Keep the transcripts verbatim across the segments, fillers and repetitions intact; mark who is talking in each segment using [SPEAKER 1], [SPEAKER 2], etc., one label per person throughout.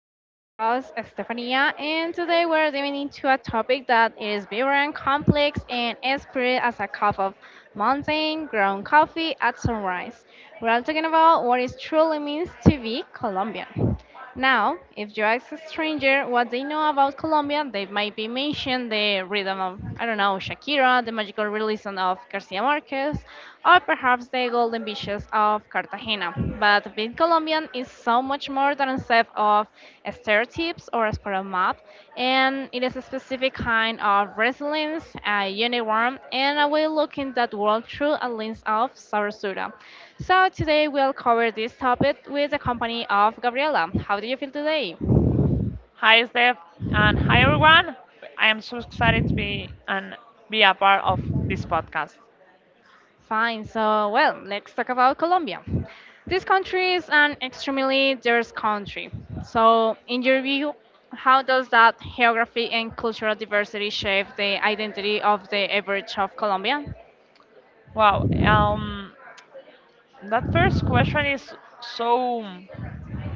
[SPEAKER 1] I'm your host Estefania, and today we're diving into a topic that is vibrant, complex, and as pure as a cup of mountain ground coffee at sunrise. We're all talking about what it truly means to be Colombian. Now, if you ask a stranger what they know about Colombia, they might be mentioned the rhythm of, I don't know, Shakira, the magical realism of Garcia Marquez, or perhaps the golden beaches of Cartagena. But being Colombian is so much more than a set of stereotypes or a spiral map, and it is a specific kind of resilience, a uniform, and a way looking that world through a lens of sabrosura. So today we'll cover this topic with the company of Gabriela. How do you feel today?
[SPEAKER 2] Hi, Steph, and hi, everyone. I am so excited to be and be a part of this podcast.
[SPEAKER 1] Fine. So well, let's talk about Colombia. This country is an extremely diverse country. So in your view, how does that geography and cultural diversity shape the identity of the average of Colombia?
[SPEAKER 2] Wow, um, that first question is so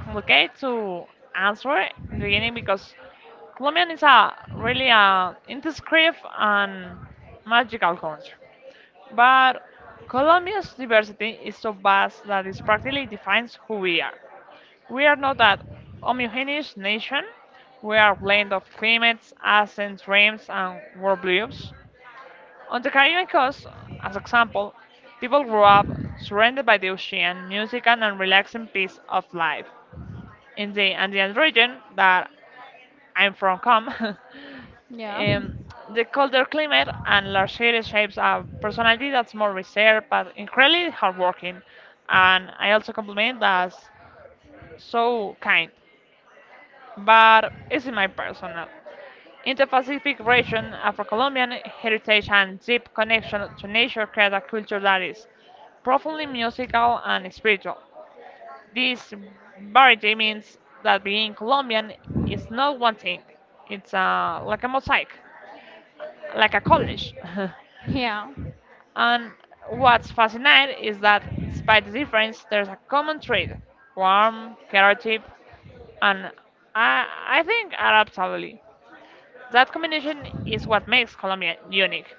[SPEAKER 2] complicated to answer in the beginning because Colombian is a really a indescript and magical country. But Colombia's diversity is so vast that it practically defines who we are. We are not a homogeneous nation. We are a blend of climates, accents, dreams, and worldviews. On the Caribbean coast, as example, people grew up surrounded by the ocean, music, and a relaxing piece of life. In the Andean region that I'm from, come,
[SPEAKER 1] Yeah.
[SPEAKER 2] um, the colder climate and large cities shapes a personality that's more reserved but incredibly hardworking. And I also compliment that's so kind. But it's in my personal. Indo-Pacific region, Afro-Colombian heritage and deep connection to nature create a culture that is profoundly musical and spiritual. This variety means that being Colombian is not one thing. It's uh, like a mosaic, like a college.
[SPEAKER 1] Yeah.
[SPEAKER 2] And what's fascinating is that despite the difference, there's a common trait, warm, creative, and I, I think Arab absolutely. That combination is what makes Colombia unique.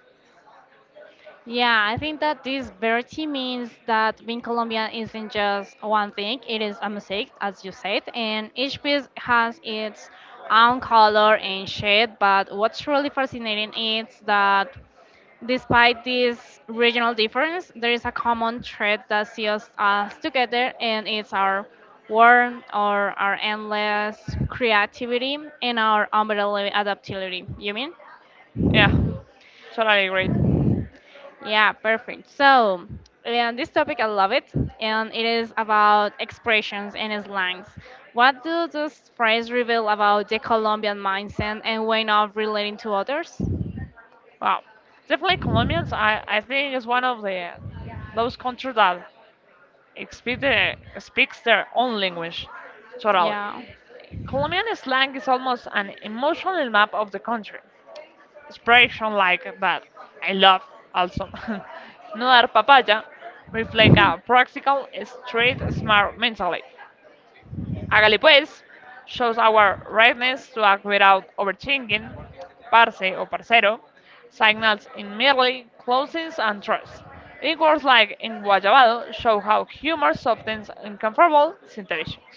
[SPEAKER 1] Yeah, I think that this verity means that being Colombian isn't just one thing, it is a mosaic, as you said, and each piece has its own color and shade. But what's really fascinating is that despite this regional difference, there is a common thread that sees us together, and it's our warmth, or our endless creativity, and our unbelievable adaptability. You mean?
[SPEAKER 2] Yeah, totally agree.
[SPEAKER 1] Yeah, perfect. So, yeah, this topic I love it, and it is about expressions and slangs. What do those phrases reveal about the Colombian mindset and way of relating to others?
[SPEAKER 2] Wow, definitely Colombians. I, I think is one of the those countries that speak the, speaks their own language. Totally.
[SPEAKER 1] Yeah.
[SPEAKER 2] Colombian slang is almost an emotional map of the country. Expression like that I love also. No dar papaya reflect a practical, straight, smart mentality. Hágale pues shows our readiness to act without overthinking. Parce o parcero signals in merely closeness and trust. In words like in Enguayabado show how humor softens uncomfortable situations.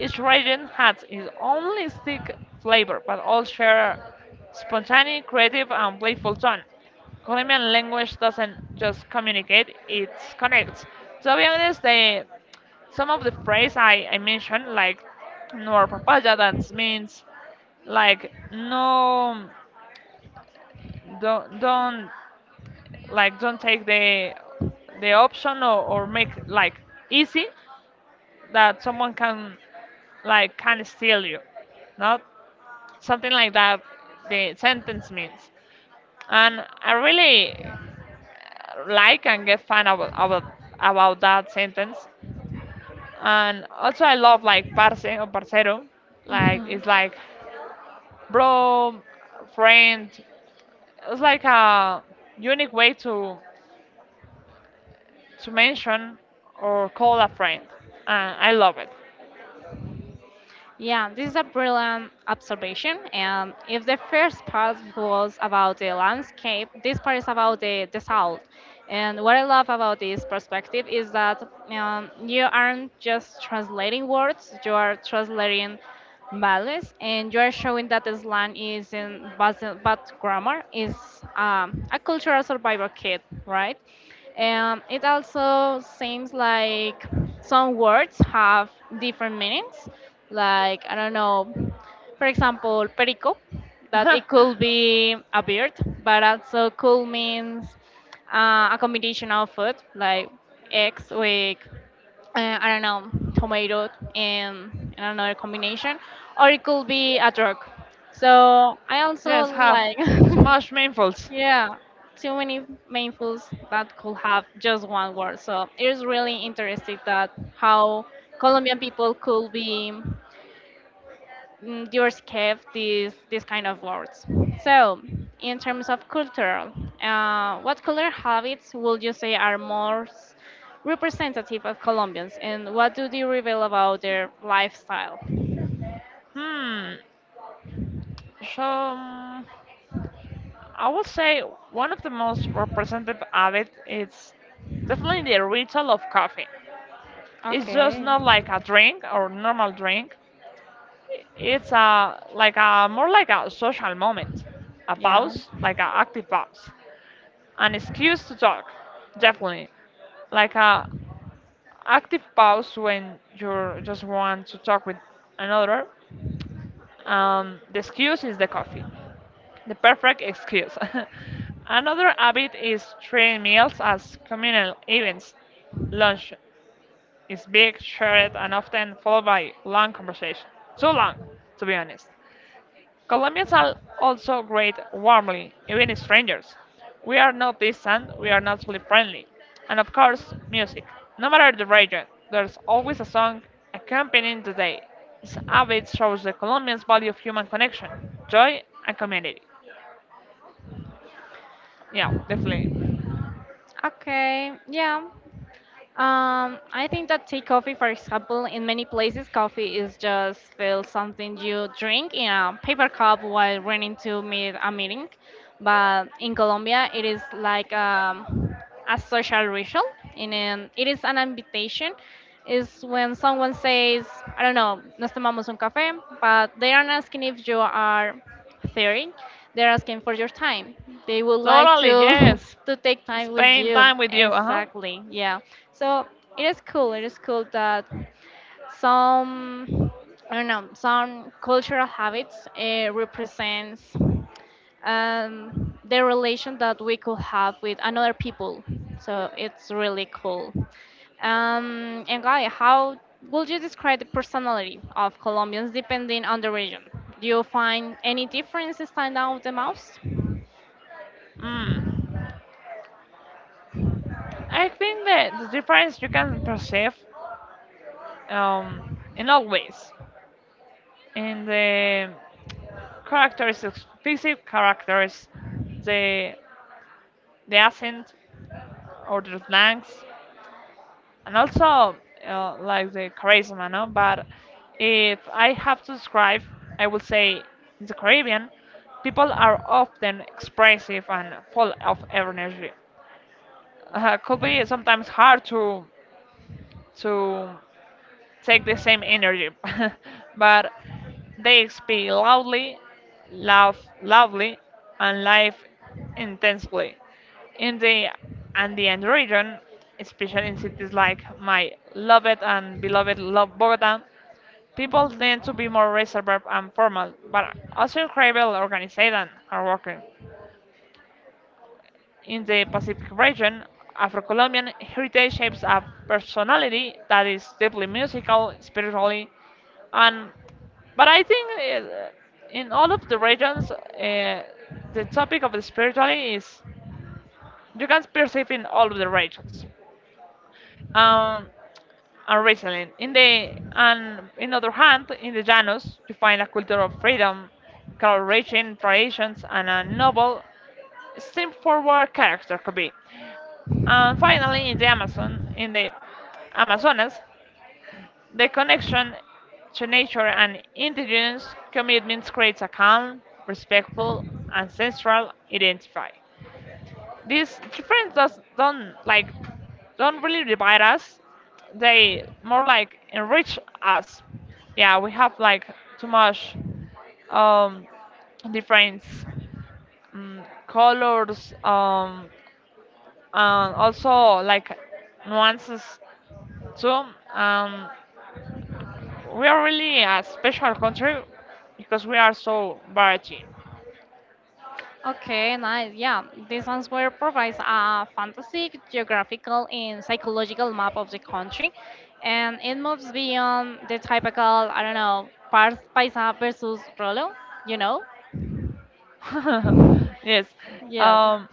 [SPEAKER 2] Each region has its own distinct flavor, but all share spontaneous, creative, and playful tone. Colombian language doesn't just communicate, it connects. To be honest, the some of the phrase I, I mentioned, like no papaya, that means like no, don't, don't like don't take the the option or, or make like easy that someone can like can steal you, not something like that. The sentence means, and I really like and get fun about about about that sentence. And also I love like parce or parcero. Like
[SPEAKER 1] Mhm.
[SPEAKER 2] it's like bro, friend. It's like a unique way to to mention or call a friend. Uh, I love it.
[SPEAKER 1] Yeah, this is a brilliant observation. And if the first part was about the landscape, this part is about the, the soul. And what I love about this perspective is that um, you aren't just translating words, you are translating balance, and you are showing that slang is in bad, bad grammar is um, a cultural survival kit, right? And it also seems like some words have different meanings. Like I don't know, for example, perico, that it could be a beard, but also could means uh, a combination of food like eggs with uh, I don't know, tomato and, and another combination, or it could be a drug. So I also
[SPEAKER 2] Yes, have
[SPEAKER 1] like,
[SPEAKER 2] too much meanfuls.
[SPEAKER 1] yeah, too many main foods that could have just one word. So it is really interesting that how Colombian people could be mm, you're scared these these kind of words. So, in terms of cultural, uh, what cultural habits would you say are most representative of Colombians, and what do they reveal about their lifestyle?
[SPEAKER 2] Hmm. So. um, I would say one of the most representative habit is definitely the ritual of coffee. It's just
[SPEAKER 1] Okay.
[SPEAKER 2] not like a drink or normal drink. It's a like a more like a social moment, a
[SPEAKER 1] Yeah.
[SPEAKER 2] pause, like an active pause, an excuse to talk, definitely, like a active pause when you just want to talk with another. Um, the excuse is the coffee. The perfect excuse. Another habit is treating meals as communal events. Lunch is big, shared, and often followed by long conversation. Too long, to be honest. Colombians are also great warmly, even strangers. We are not distant, we are naturally friendly. And of course, music. No matter the region, there's always a song accompanying the day. This habit shows the Colombians' value of human connection, joy, and community. Yeah, definitely.
[SPEAKER 1] Okay. Yeah. Um, I think that tea coffee, for example, in many places, coffee is just feel something you drink in a paper cup while running to meet a meeting. But in Colombia, it is like um, a social ritual, and then it is an invitation. Is when someone says, I don't know, nos tomamos un café, but they aren't asking if you are thirty. They're asking for your time. They would like
[SPEAKER 2] Totally,
[SPEAKER 1] to
[SPEAKER 2] yes.
[SPEAKER 1] to take time with
[SPEAKER 2] Spend
[SPEAKER 1] you.
[SPEAKER 2] time with you, uh-huh.
[SPEAKER 1] Exactly. Yeah. So it is cool. It is cool that some I don't know some cultural habits uh, represents um, the relation that we could have with another people. So it's really cool. Um, and Guy, how would you describe the personality of Colombians depending on the region? Do you find any differences stand out the most?
[SPEAKER 2] Mm. I think that the difference you can perceive um, in all ways, in the characteristics, physical characters, the the accent or the slangs, and also uh, like the charisma, no? But if I have to describe, I would say in the Caribbean, people are often expressive and full of energy. Uh, could be sometimes hard to to take the same energy, but they speak loudly, love loudly, and life intensely. In the Andean region, especially in cities like my loved and beloved love Bogota, people tend to be more reserved and formal, but also incredible organized and hardworking. In the Pacific region, Afro Colombian heritage shapes a personality that is deeply musical, spiritually, and but I think uh, in all of the regions, uh, the topic of the spirituality is you can perceive in all of the regions. Um, and recently, in the and in other hand, in the Llanos, you find a culture of freedom, color-rich in traditions, and a noble, straightforward character could be. And finally, in the Amazon, in the Amazonas, the connection to nature and indigenous commitments creates a calm, respectful, ancestral identity. These difference does don't like don't really divide us. They more like enrich us. Yeah, we have like too much um, different colors um, and also like nuances. So um, we are really a special country because we are so variety.
[SPEAKER 1] Okay, nice. Yeah, this answer provides a fantastic geographical and psychological map of the country, and it moves beyond the typical, I don't know, Pars Paisa versus Rolo, you know?
[SPEAKER 2] Yes.
[SPEAKER 1] Yeah.
[SPEAKER 2] Um,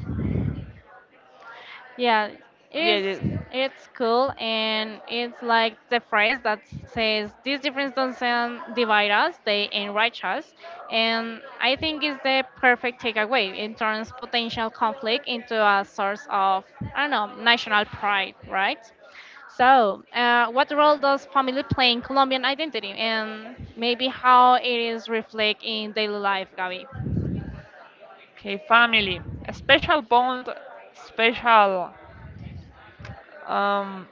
[SPEAKER 1] Yeah,
[SPEAKER 2] yeah,
[SPEAKER 1] it's
[SPEAKER 2] yes.
[SPEAKER 1] it's cool and it's like the phrase that says these differences don't sound divide us, they enrich us. And I think it's the perfect takeaway. It turns potential conflict into a source of I don't know, national pride, right? So, uh, what role does family play in Colombian identity and maybe how it is reflected in daily life, Gabi?
[SPEAKER 2] Okay, family. A special bond, special um,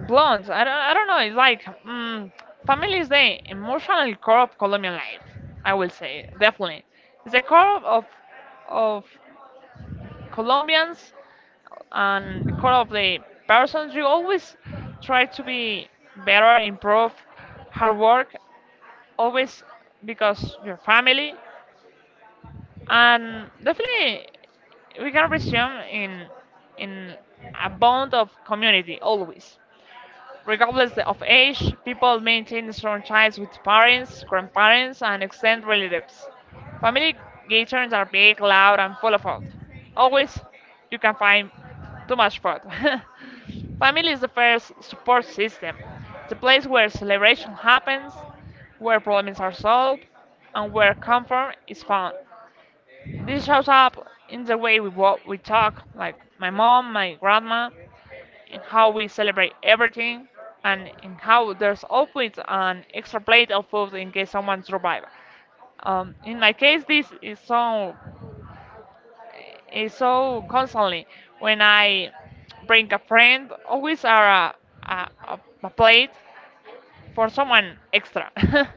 [SPEAKER 2] blonde. I don't, I don't know. It's like mm, family is the emotional core of Colombian life. I will say definitely. It's the core of of Colombians and currently persons you always try to be better improve hard work always because your family and definitely we can resume in in a bond of community always. Regardless of age, people maintain strong ties with parents, grandparents, and extended relatives. Family gatherings are big, loud, and full of food. Always, you can find too much food. Family is the first support system, the place where celebration happens, where problems are solved, and where comfort is found. This shows up in the way we walk, we talk, like my mom, my grandma, in how we celebrate everything and in how there's always an extra plate of food in case someone survives. Um, in my case, this is so is so constantly when I bring a friend, always are a, a, a a plate for someone extra.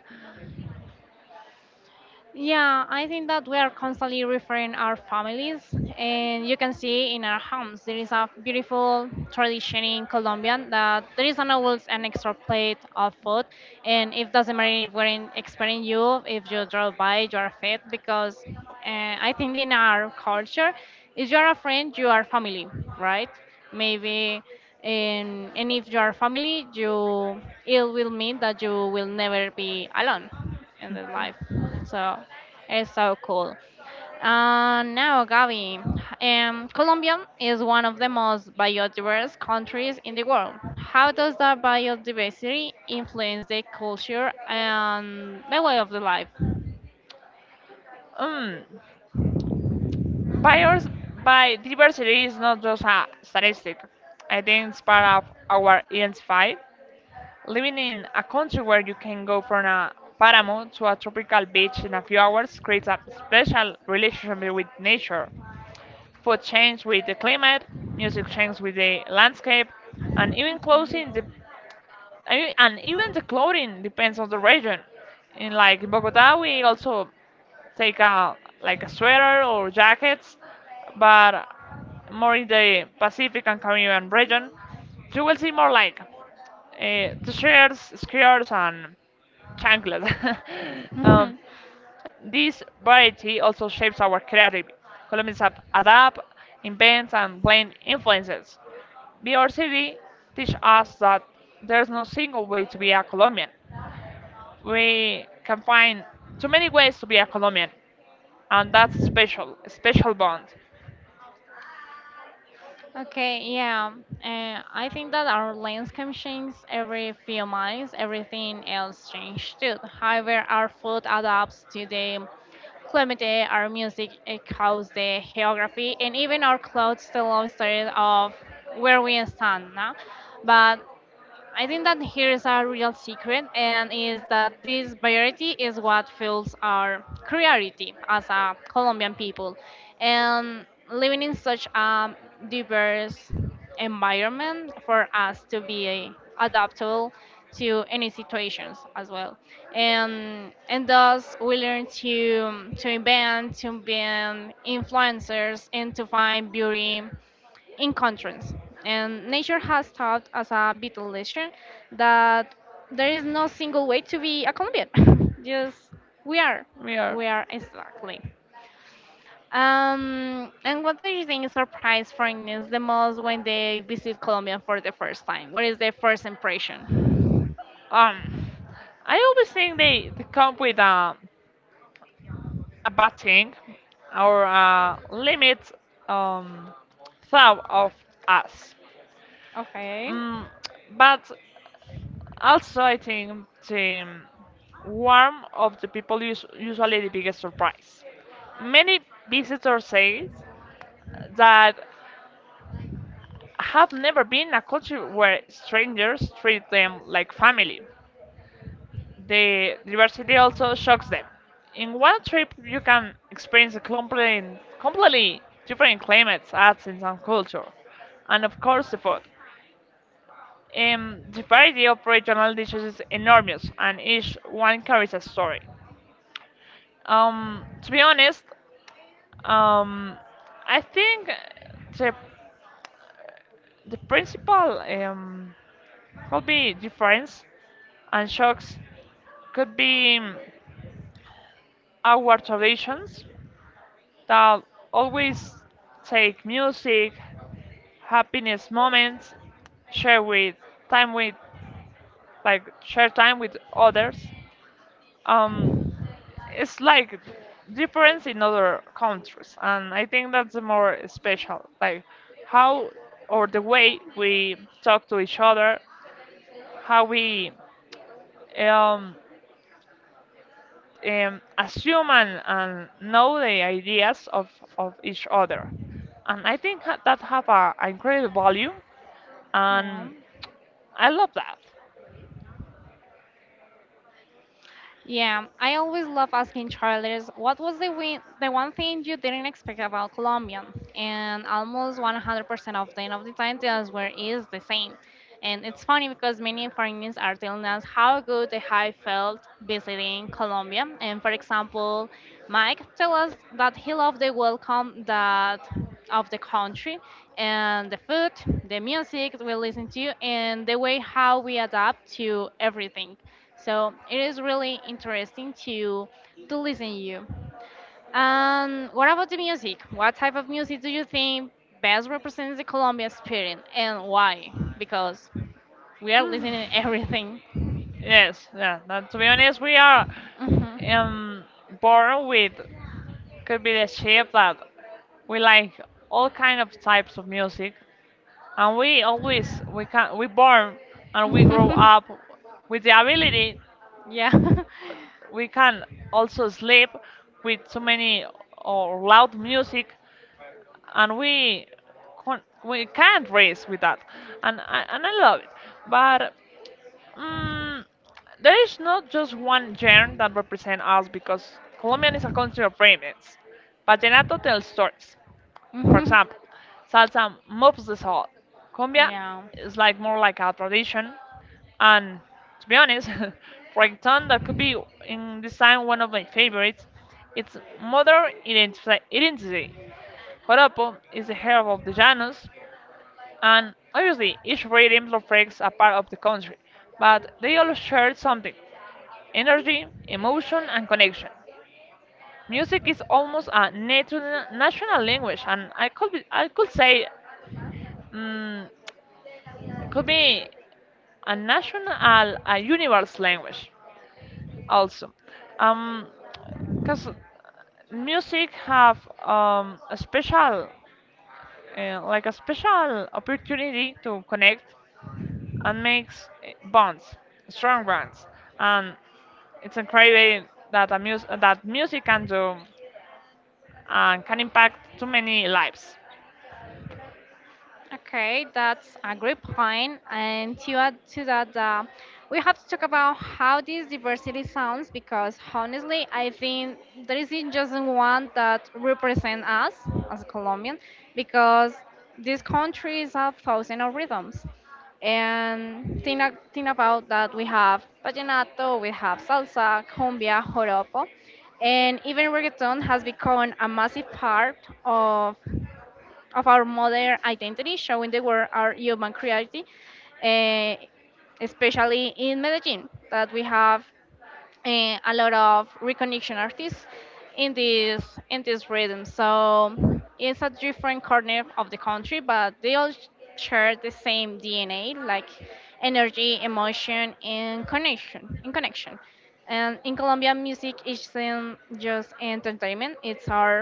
[SPEAKER 1] Yeah, I think that we are constantly referring our families, and you can see in our homes there is a beautiful tradition in Colombia that there is an always an extra plate of food, and it doesn't matter if we're in expecting you, if you drove by, you are fed because uh, I think in our culture, if you are a friend, you are family, right? Maybe. And, and if you are family, you it will mean that you will never be alone in their life. So it's so cool. Uh, now, Gaby, um, Colombia is one of the most biodiverse countries in the world. How does that biodiversity influence the culture and the way of the life?
[SPEAKER 2] Mm. Bios, Biodiversity is not just a statistic. I think it's part of our identify. Living in a country where you can go from a paramo to a tropical beach in a few hours creates a special relationship with nature. Food changes with the climate, music changes with the landscape, and even clothing, de- I- and even the clothing depends on the region. In like in Bogota, we also take a like a sweater or jackets, but more in the Pacific and Caribbean region, you will see more like uh, t-shirts, skirts, and chanclas. um, this variety also shapes our creativity. Colombians ap- adapt, invent, and blend influences. B R C D teach us that there's no single way to be a Colombian. We can find too many ways to be a Colombian, and that's a special, a special bond.
[SPEAKER 1] Okay, yeah. Uh, I think that our landscape changes every few months, everything else changes too. However, our food adapts to the climate, our music echoes the geography, and even our clothes tell a story of where we stand now. But I think that here is a real secret, and is that this variety is what fuels our creativity as a Colombian people. And living in such a diverse environment for us to be adaptable to any situations as well. And and thus we learn to to invent, to be influencers, and to find beauty in contrast, and nature has taught us a vital lesson that there is no single way to be a Colombian. Just we are,
[SPEAKER 2] We are.
[SPEAKER 1] we are exactly. Um, and what do you think surprised foreigners the most when they visit Colombia for the first time? What is their first impression?
[SPEAKER 2] Um, I always think they, they come with a a bad thing or a limit um, thought of us.
[SPEAKER 1] Okay.
[SPEAKER 2] Mm, but also, I think the warmth of the people is usually the biggest surprise. Many visitors say that have never been a country where strangers treat them like family. The diversity also shocks them. In one trip, you can experience a complete, completely different climates, arts, and some culture, and of course, the food. Um, the variety of regional dishes is enormous, and each one carries a story. Um, to be honest, um, I think the the principal um, could be difference and shocks could be um, our traditions that always take music, happiness moments, share with time with like share time with others. Um, it's like difference in other countries, and I think that's the more special. Like how or the way we talk to each other, how we um, um, assume and, and know the ideas of, of each other. And I think ha- that have a, a incredible value
[SPEAKER 1] Yeah.
[SPEAKER 2] and I love that.
[SPEAKER 1] Yeah, I always love asking travelers what was the win- the one thing you didn't expect about Colombia, and almost one hundred percent of the end of the time the answer is the same. And it's funny because many foreigners are telling us how good they have felt visiting Colombia. And for example, Mike tell us that he loved the welcome that of the country and the food, the music we listen to, and the way how we adapt to everything. So it is really interesting to to listen to you. And what about the music? What type of music do you think best represents the Colombia spirit and why? Because we are listening everything.
[SPEAKER 2] Yes, yeah. That, to be honest, we are
[SPEAKER 1] Mhm.
[SPEAKER 2] um, born with could be the shape that we like all kind of types of music, and we always we can we born and we grow up with the ability
[SPEAKER 1] Yeah.
[SPEAKER 2] we can also sleep with so many or loud music, and we con- we can't race with that, and I, and I love it, but. Mm, there is not just one genre that represents us because Colombian is a country of remix. Vallenato tells stories. For
[SPEAKER 1] Mhm.
[SPEAKER 2] example, salsa moves the soul. Cumbia
[SPEAKER 1] Yeah.
[SPEAKER 2] is like more like a tradition, and to be honest, reggaeton that could be in this time one of my favorites. It's modern identifi- identity. Joropo is the herb of the Llanos, and obviously, each rhythm reflects a part of the country, but they all share something energy, emotion, and connection. Music is almost a natu- national language, and I could, be, I could say, mm could be a national, a universe language also. Um, because music have um, a special uh, like a special opportunity to connect and makes eh, bonds, strong bonds. And it's incredible that a mus- that music can do and can impact too many lives.
[SPEAKER 1] Okay, that's a great point. And to add to that, uh, we have to talk about how this diversity sounds because honestly, I think there isn't just one that represents us as a Colombian because this country is a thousand of rhythms. And think, a- think about that we have vallenato, we have salsa, cumbia, joropo, and even reggaeton has become a massive part of of our modern identity, showing the world our human creativity, eh, especially in Medellin, that we have eh, a lot of recognition artists in this in this rhythm. So it's a different corner of the country, but they all sh- share the same D N A, like energy, emotion, and connection. In connection, and in Colombia, music isn't just entertainment; it's our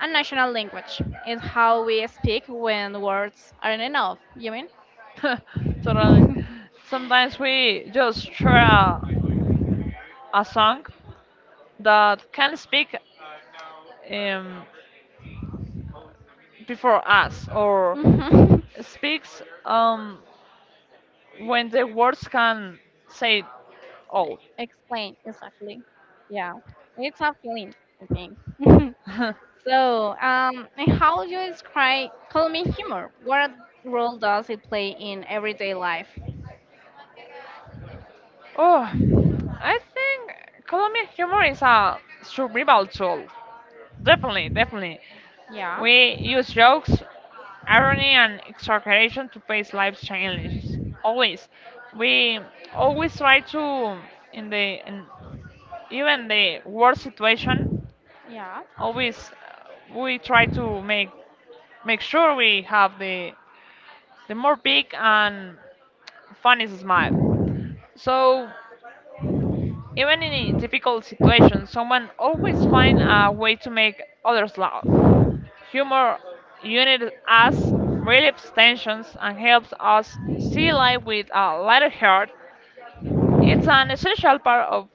[SPEAKER 1] a national language. It's how we speak when words aren't enough. You mean?
[SPEAKER 2] Totally. Sometimes we just share a a song that can speak um, before us or
[SPEAKER 1] Mhm.
[SPEAKER 2] speaks um, when the words can say all.
[SPEAKER 1] Explain exactly. Yeah, it's a feeling, I think. So, um, and how would you describe Colombian humor? What role does it play in everyday life?
[SPEAKER 2] Oh, I think Colombian humor is a survival tool. Definitely, definitely.
[SPEAKER 1] Yeah.
[SPEAKER 2] We use jokes, irony, and exaggeration to face life's challenges. Always, we always try to, in the in even the worst situation,
[SPEAKER 1] Yeah.
[SPEAKER 2] always uh, we try to make make sure we have the the more big and funny smile. So Even in a difficult situations, someone always finds a way to make others laugh. Humor unites us, relieves tensions, and helps us see life with a lighter heart. It's an essential part of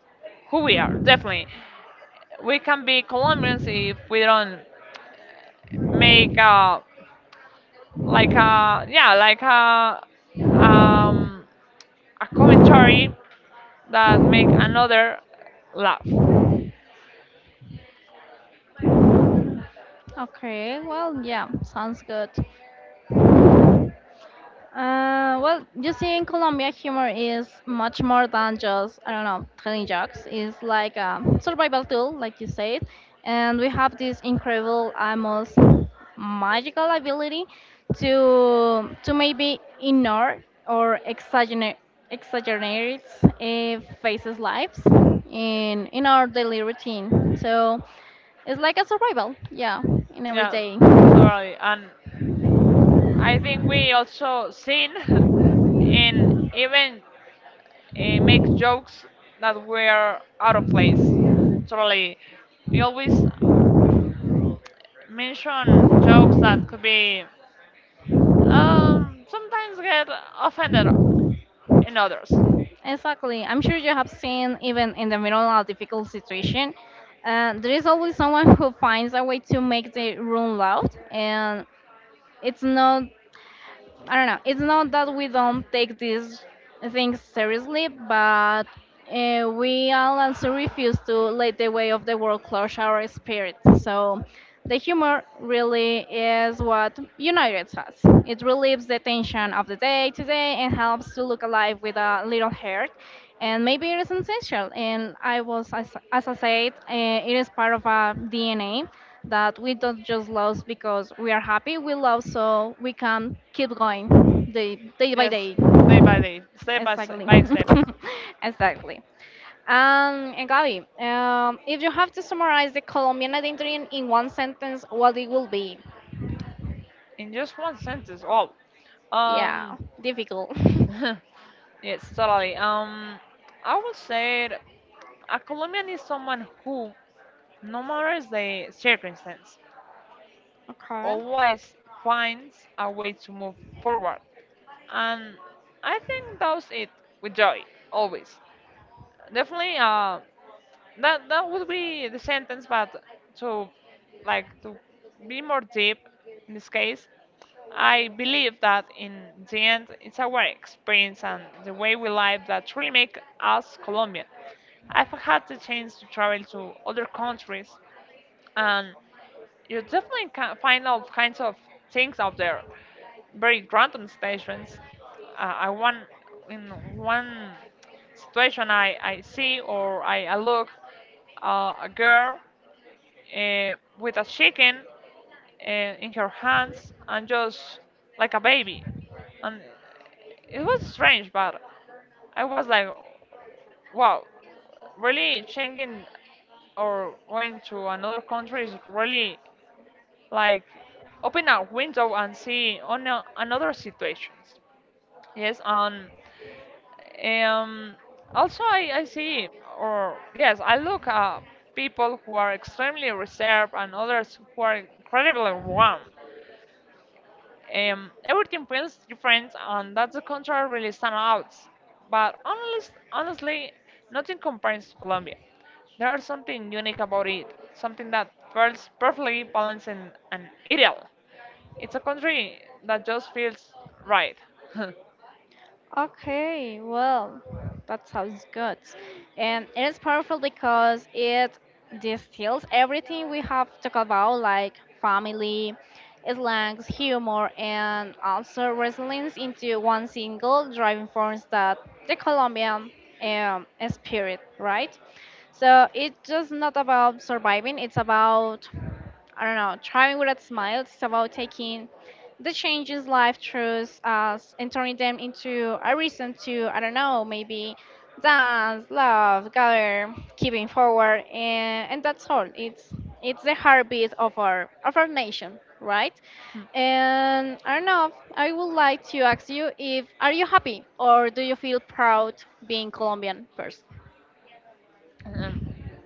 [SPEAKER 2] who we are, definitely. We can be Colombians if we don't make a, like a, yeah, like a, um, a commentary that make another laugh.
[SPEAKER 1] Okay. Well, yeah. Sounds good. Uh, well, you see, in Colombia, humor is much more than just, I don't know, telling jokes. It's like a survival tool, like you said. And we have this incredible, almost magical ability to to maybe ignore or exaggerate, exaggerate uh, faces lives in in our daily routine. So it's like a survival, yeah, in every
[SPEAKER 2] Yeah,
[SPEAKER 1] day.
[SPEAKER 2] totally. And I think we also seen and even uh, make jokes that were out of place. Totally, we always mention jokes that could be, um, sometimes get offended in others.
[SPEAKER 1] Exactly. I'm sure you have seen, even in the middle of a difficult situation, uh, there is always someone who finds a way to make the room loud, and it's not I don't know. It's not that we don't take these things seriously, but uh, we all also refuse to let the way of the world crush our spirit. So the humor really is what unites us. It relieves the tension of the day to day and helps to look alive with a little heart. And maybe it is essential. And I was, as, as I said, uh, it is part of our D N A that we don't just lose because we are happy. We love so we can keep going day, day by
[SPEAKER 2] Yes,
[SPEAKER 1] day.
[SPEAKER 2] day by day, step by step,
[SPEAKER 1] Exactly.
[SPEAKER 2] by step.
[SPEAKER 1] Exactly. Um, and Gabi, um, if you have to summarize the Colombian identity in in one sentence, what it will be?
[SPEAKER 2] In just one sentence. Wow.
[SPEAKER 1] Yeah,
[SPEAKER 2] Um.
[SPEAKER 1] difficult.
[SPEAKER 2] Yes, totally. Um. I would say that a Colombian is someone who, no matter the circumstance, always finds a
[SPEAKER 1] Okay.
[SPEAKER 2] way to move forward, and I think that's it, with joy, always. Definitely, uh, that that would be the sentence. But to, like, to be more deep in this case, I believe that in the end it's our experience and the way we live that really make us Colombian. I've had the chance to travel to other countries, and you definitely can find all kinds of things out there. Very random situations. Uh, I want, in one situation I, I see or I, I look uh, a girl, uh, with a chicken uh, in her hands and just like a baby, and it was strange, but I was like, wow, really changing or going to another country is really like open a window and see on a, another situations. Yes, and um, also I, I see or yes I look at people who are extremely reserved and others who are incredibly warm. Um, everything feels different, and that's the country really stand out. But honest, honestly, nothing compares to Colombia. There is something unique about it, something that feels perfectly balanced and, and ideal. It's a country that just feels right.
[SPEAKER 1] Okay, well, that sounds good. And it is powerful because it distills everything we have talked about, like family, slangs, humor, and also resilience into one single driving force that the Colombian um, spirit, right? So it's just not about surviving, it's about, I don't know, thriving with a smile, it's about taking the changes life throws us and turning them into a reason to I don't know maybe dance, love, gather, keeping forward, and, and that's all. It's it's the heartbeat of our of our nation, right? And I don't know. I would like to ask you if are you happy or do you feel proud being Colombian first?
[SPEAKER 2] Um,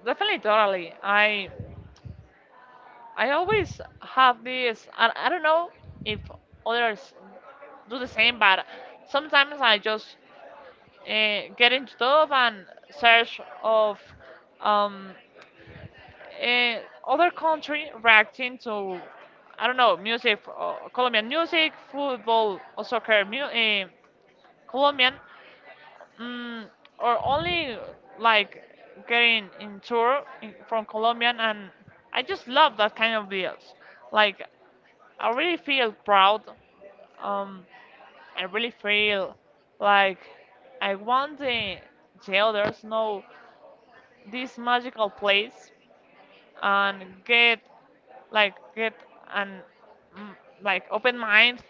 [SPEAKER 2] definitely, totally. I I always have this. I, I don't know if others do the same, but sometimes I just uh, get into stuff and search of um, uh, other country reacting to, I don't know, music, uh, Colombian music, football or soccer, mu- uh, Colombian, mm or only like getting in tour in, from Colombian, and I just love that kind of deals. Like I really feel proud. Um, I really feel like I want the the others know this magical place and get like get an, mm, like, open mind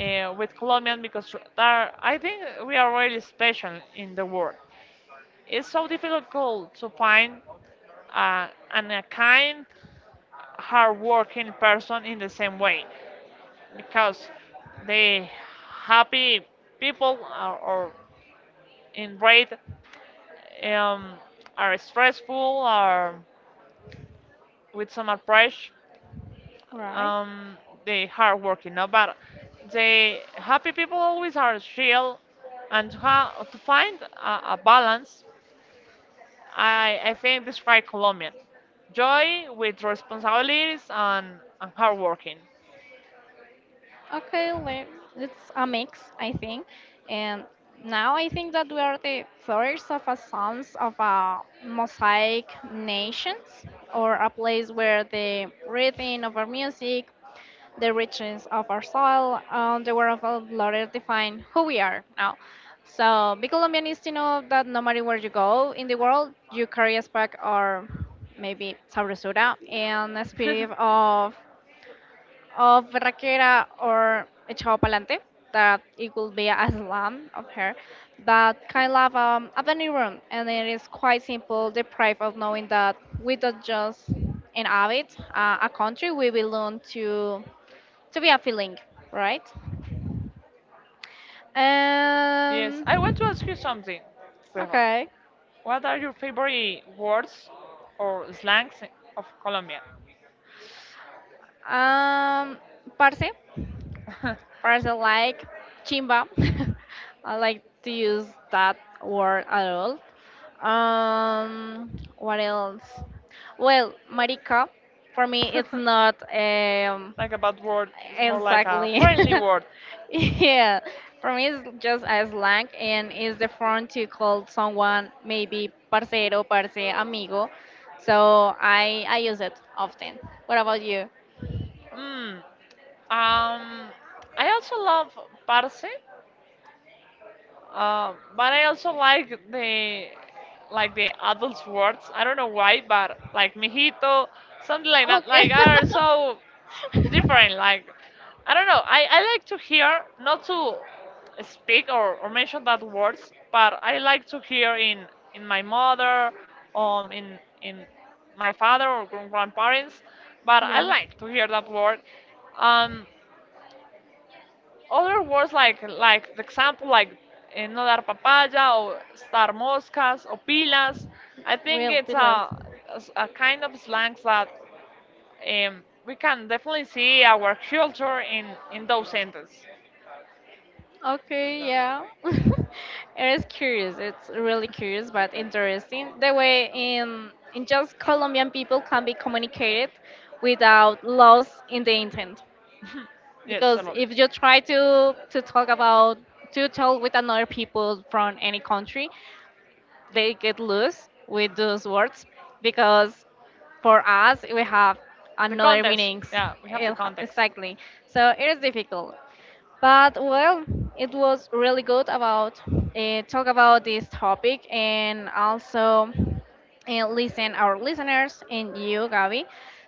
[SPEAKER 2] uh, with Colombian because there, I think we are really special in the world. It's so difficult to find uh, an, a kind, hardworking person in the same way because the happy people are, or in rate, um, are stressful or with some approach,
[SPEAKER 1] Right.
[SPEAKER 2] um, the hard working, no? But the happy people always are real, and to, ha- to find a, a balance, I, I think describe Colombian joy with responsibilities and, and hard working.
[SPEAKER 1] Okay, well, it's a mix, I think. And now I think that we are the first of a sons of a mosaic nations or a place where the rhythm of our music, the richness of our soil, and the word of our Lord define who we are now. So be Colombian is to know that no matter where you go in the world, you carry a spark or maybe sabrosura and a spirit of of Berraquera or Echado Palante, that it will be a slam of her, but kind of um, a venue room, and it is quite simple, deprived of knowing that we don't just inhabit uh, a country, we belong to to be a feeling, right?
[SPEAKER 2] Yes,
[SPEAKER 1] And
[SPEAKER 2] I want to ask you something, Stefan.
[SPEAKER 1] okay,
[SPEAKER 2] What are your favorite words or slangs of Colombia?
[SPEAKER 1] um, parce. For example, like chimba. I like to use that word at all. Um, what else? Well, marica, for me, it's not um,
[SPEAKER 2] like a bad word, it's more like a
[SPEAKER 1] exactly.
[SPEAKER 2] friendly word.
[SPEAKER 1] Yeah, for me, it's just a slang and it's the form to call someone maybe parcero, parce, amigo. So I I use it often. What about you?
[SPEAKER 2] Mm. Um, I also love parce, uh, but I also like the like the adults words. I don't know why, but like mijito, something like that. Like
[SPEAKER 1] Okay.
[SPEAKER 2] are so different. Like I don't know. I, I like to hear, not to speak or, or mention that words, but I like to hear in in my mother, um, in in my father or grand- grandparents. But I
[SPEAKER 1] Yeah.
[SPEAKER 2] like to hear that word. Um, other words like like the example like eh, no dar papaya or estar moscas or pilas. I think
[SPEAKER 1] Real
[SPEAKER 2] it's a,
[SPEAKER 1] pillows.
[SPEAKER 2] a kind of slangs that, um, we can definitely see our culture in, in those sentences.
[SPEAKER 1] Okay, yeah. It is curious. It's really curious but interesting. The way in in just Colombian people can be communicated without loss in the intent.
[SPEAKER 2] Yes, a
[SPEAKER 1] Because
[SPEAKER 2] lot.
[SPEAKER 1] if you try to to talk about to talk with another people from any country, they get loose with those words because for us we have
[SPEAKER 2] The
[SPEAKER 1] another
[SPEAKER 2] context.
[SPEAKER 1] meanings.
[SPEAKER 2] Yeah, we have the
[SPEAKER 1] It ha-
[SPEAKER 2] context.
[SPEAKER 1] Exactly. So it is difficult. But well, it was really good about uh, talk about this topic and also uh, listen our listeners and you, Gabi.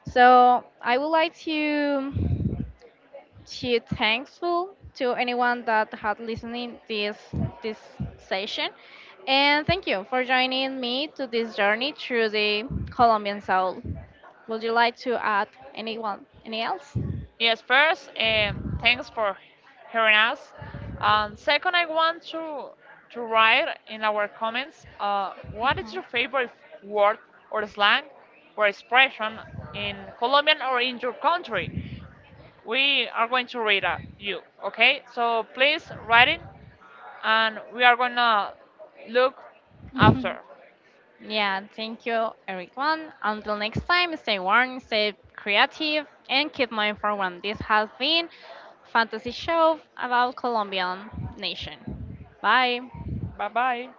[SPEAKER 1] So I would like to to thankful to anyone that had listening this this session, and thank you for joining me to this journey through the Colombian soul. Would you like to add anyone any else?
[SPEAKER 2] Yes, first, um, thanks for hearing us. And second, I want to to write in our comments, uh, what is your favorite word or slang or expression in Colombian or in your country. We are going to read uh, you, okay? So please write it and we are gonna look after.
[SPEAKER 1] Yeah, thank you, everyone. Until next time, stay warm, stay creative, and keep mind forward. This has been Fantasy Show about Colombian nation. Bye.
[SPEAKER 2] Bye bye.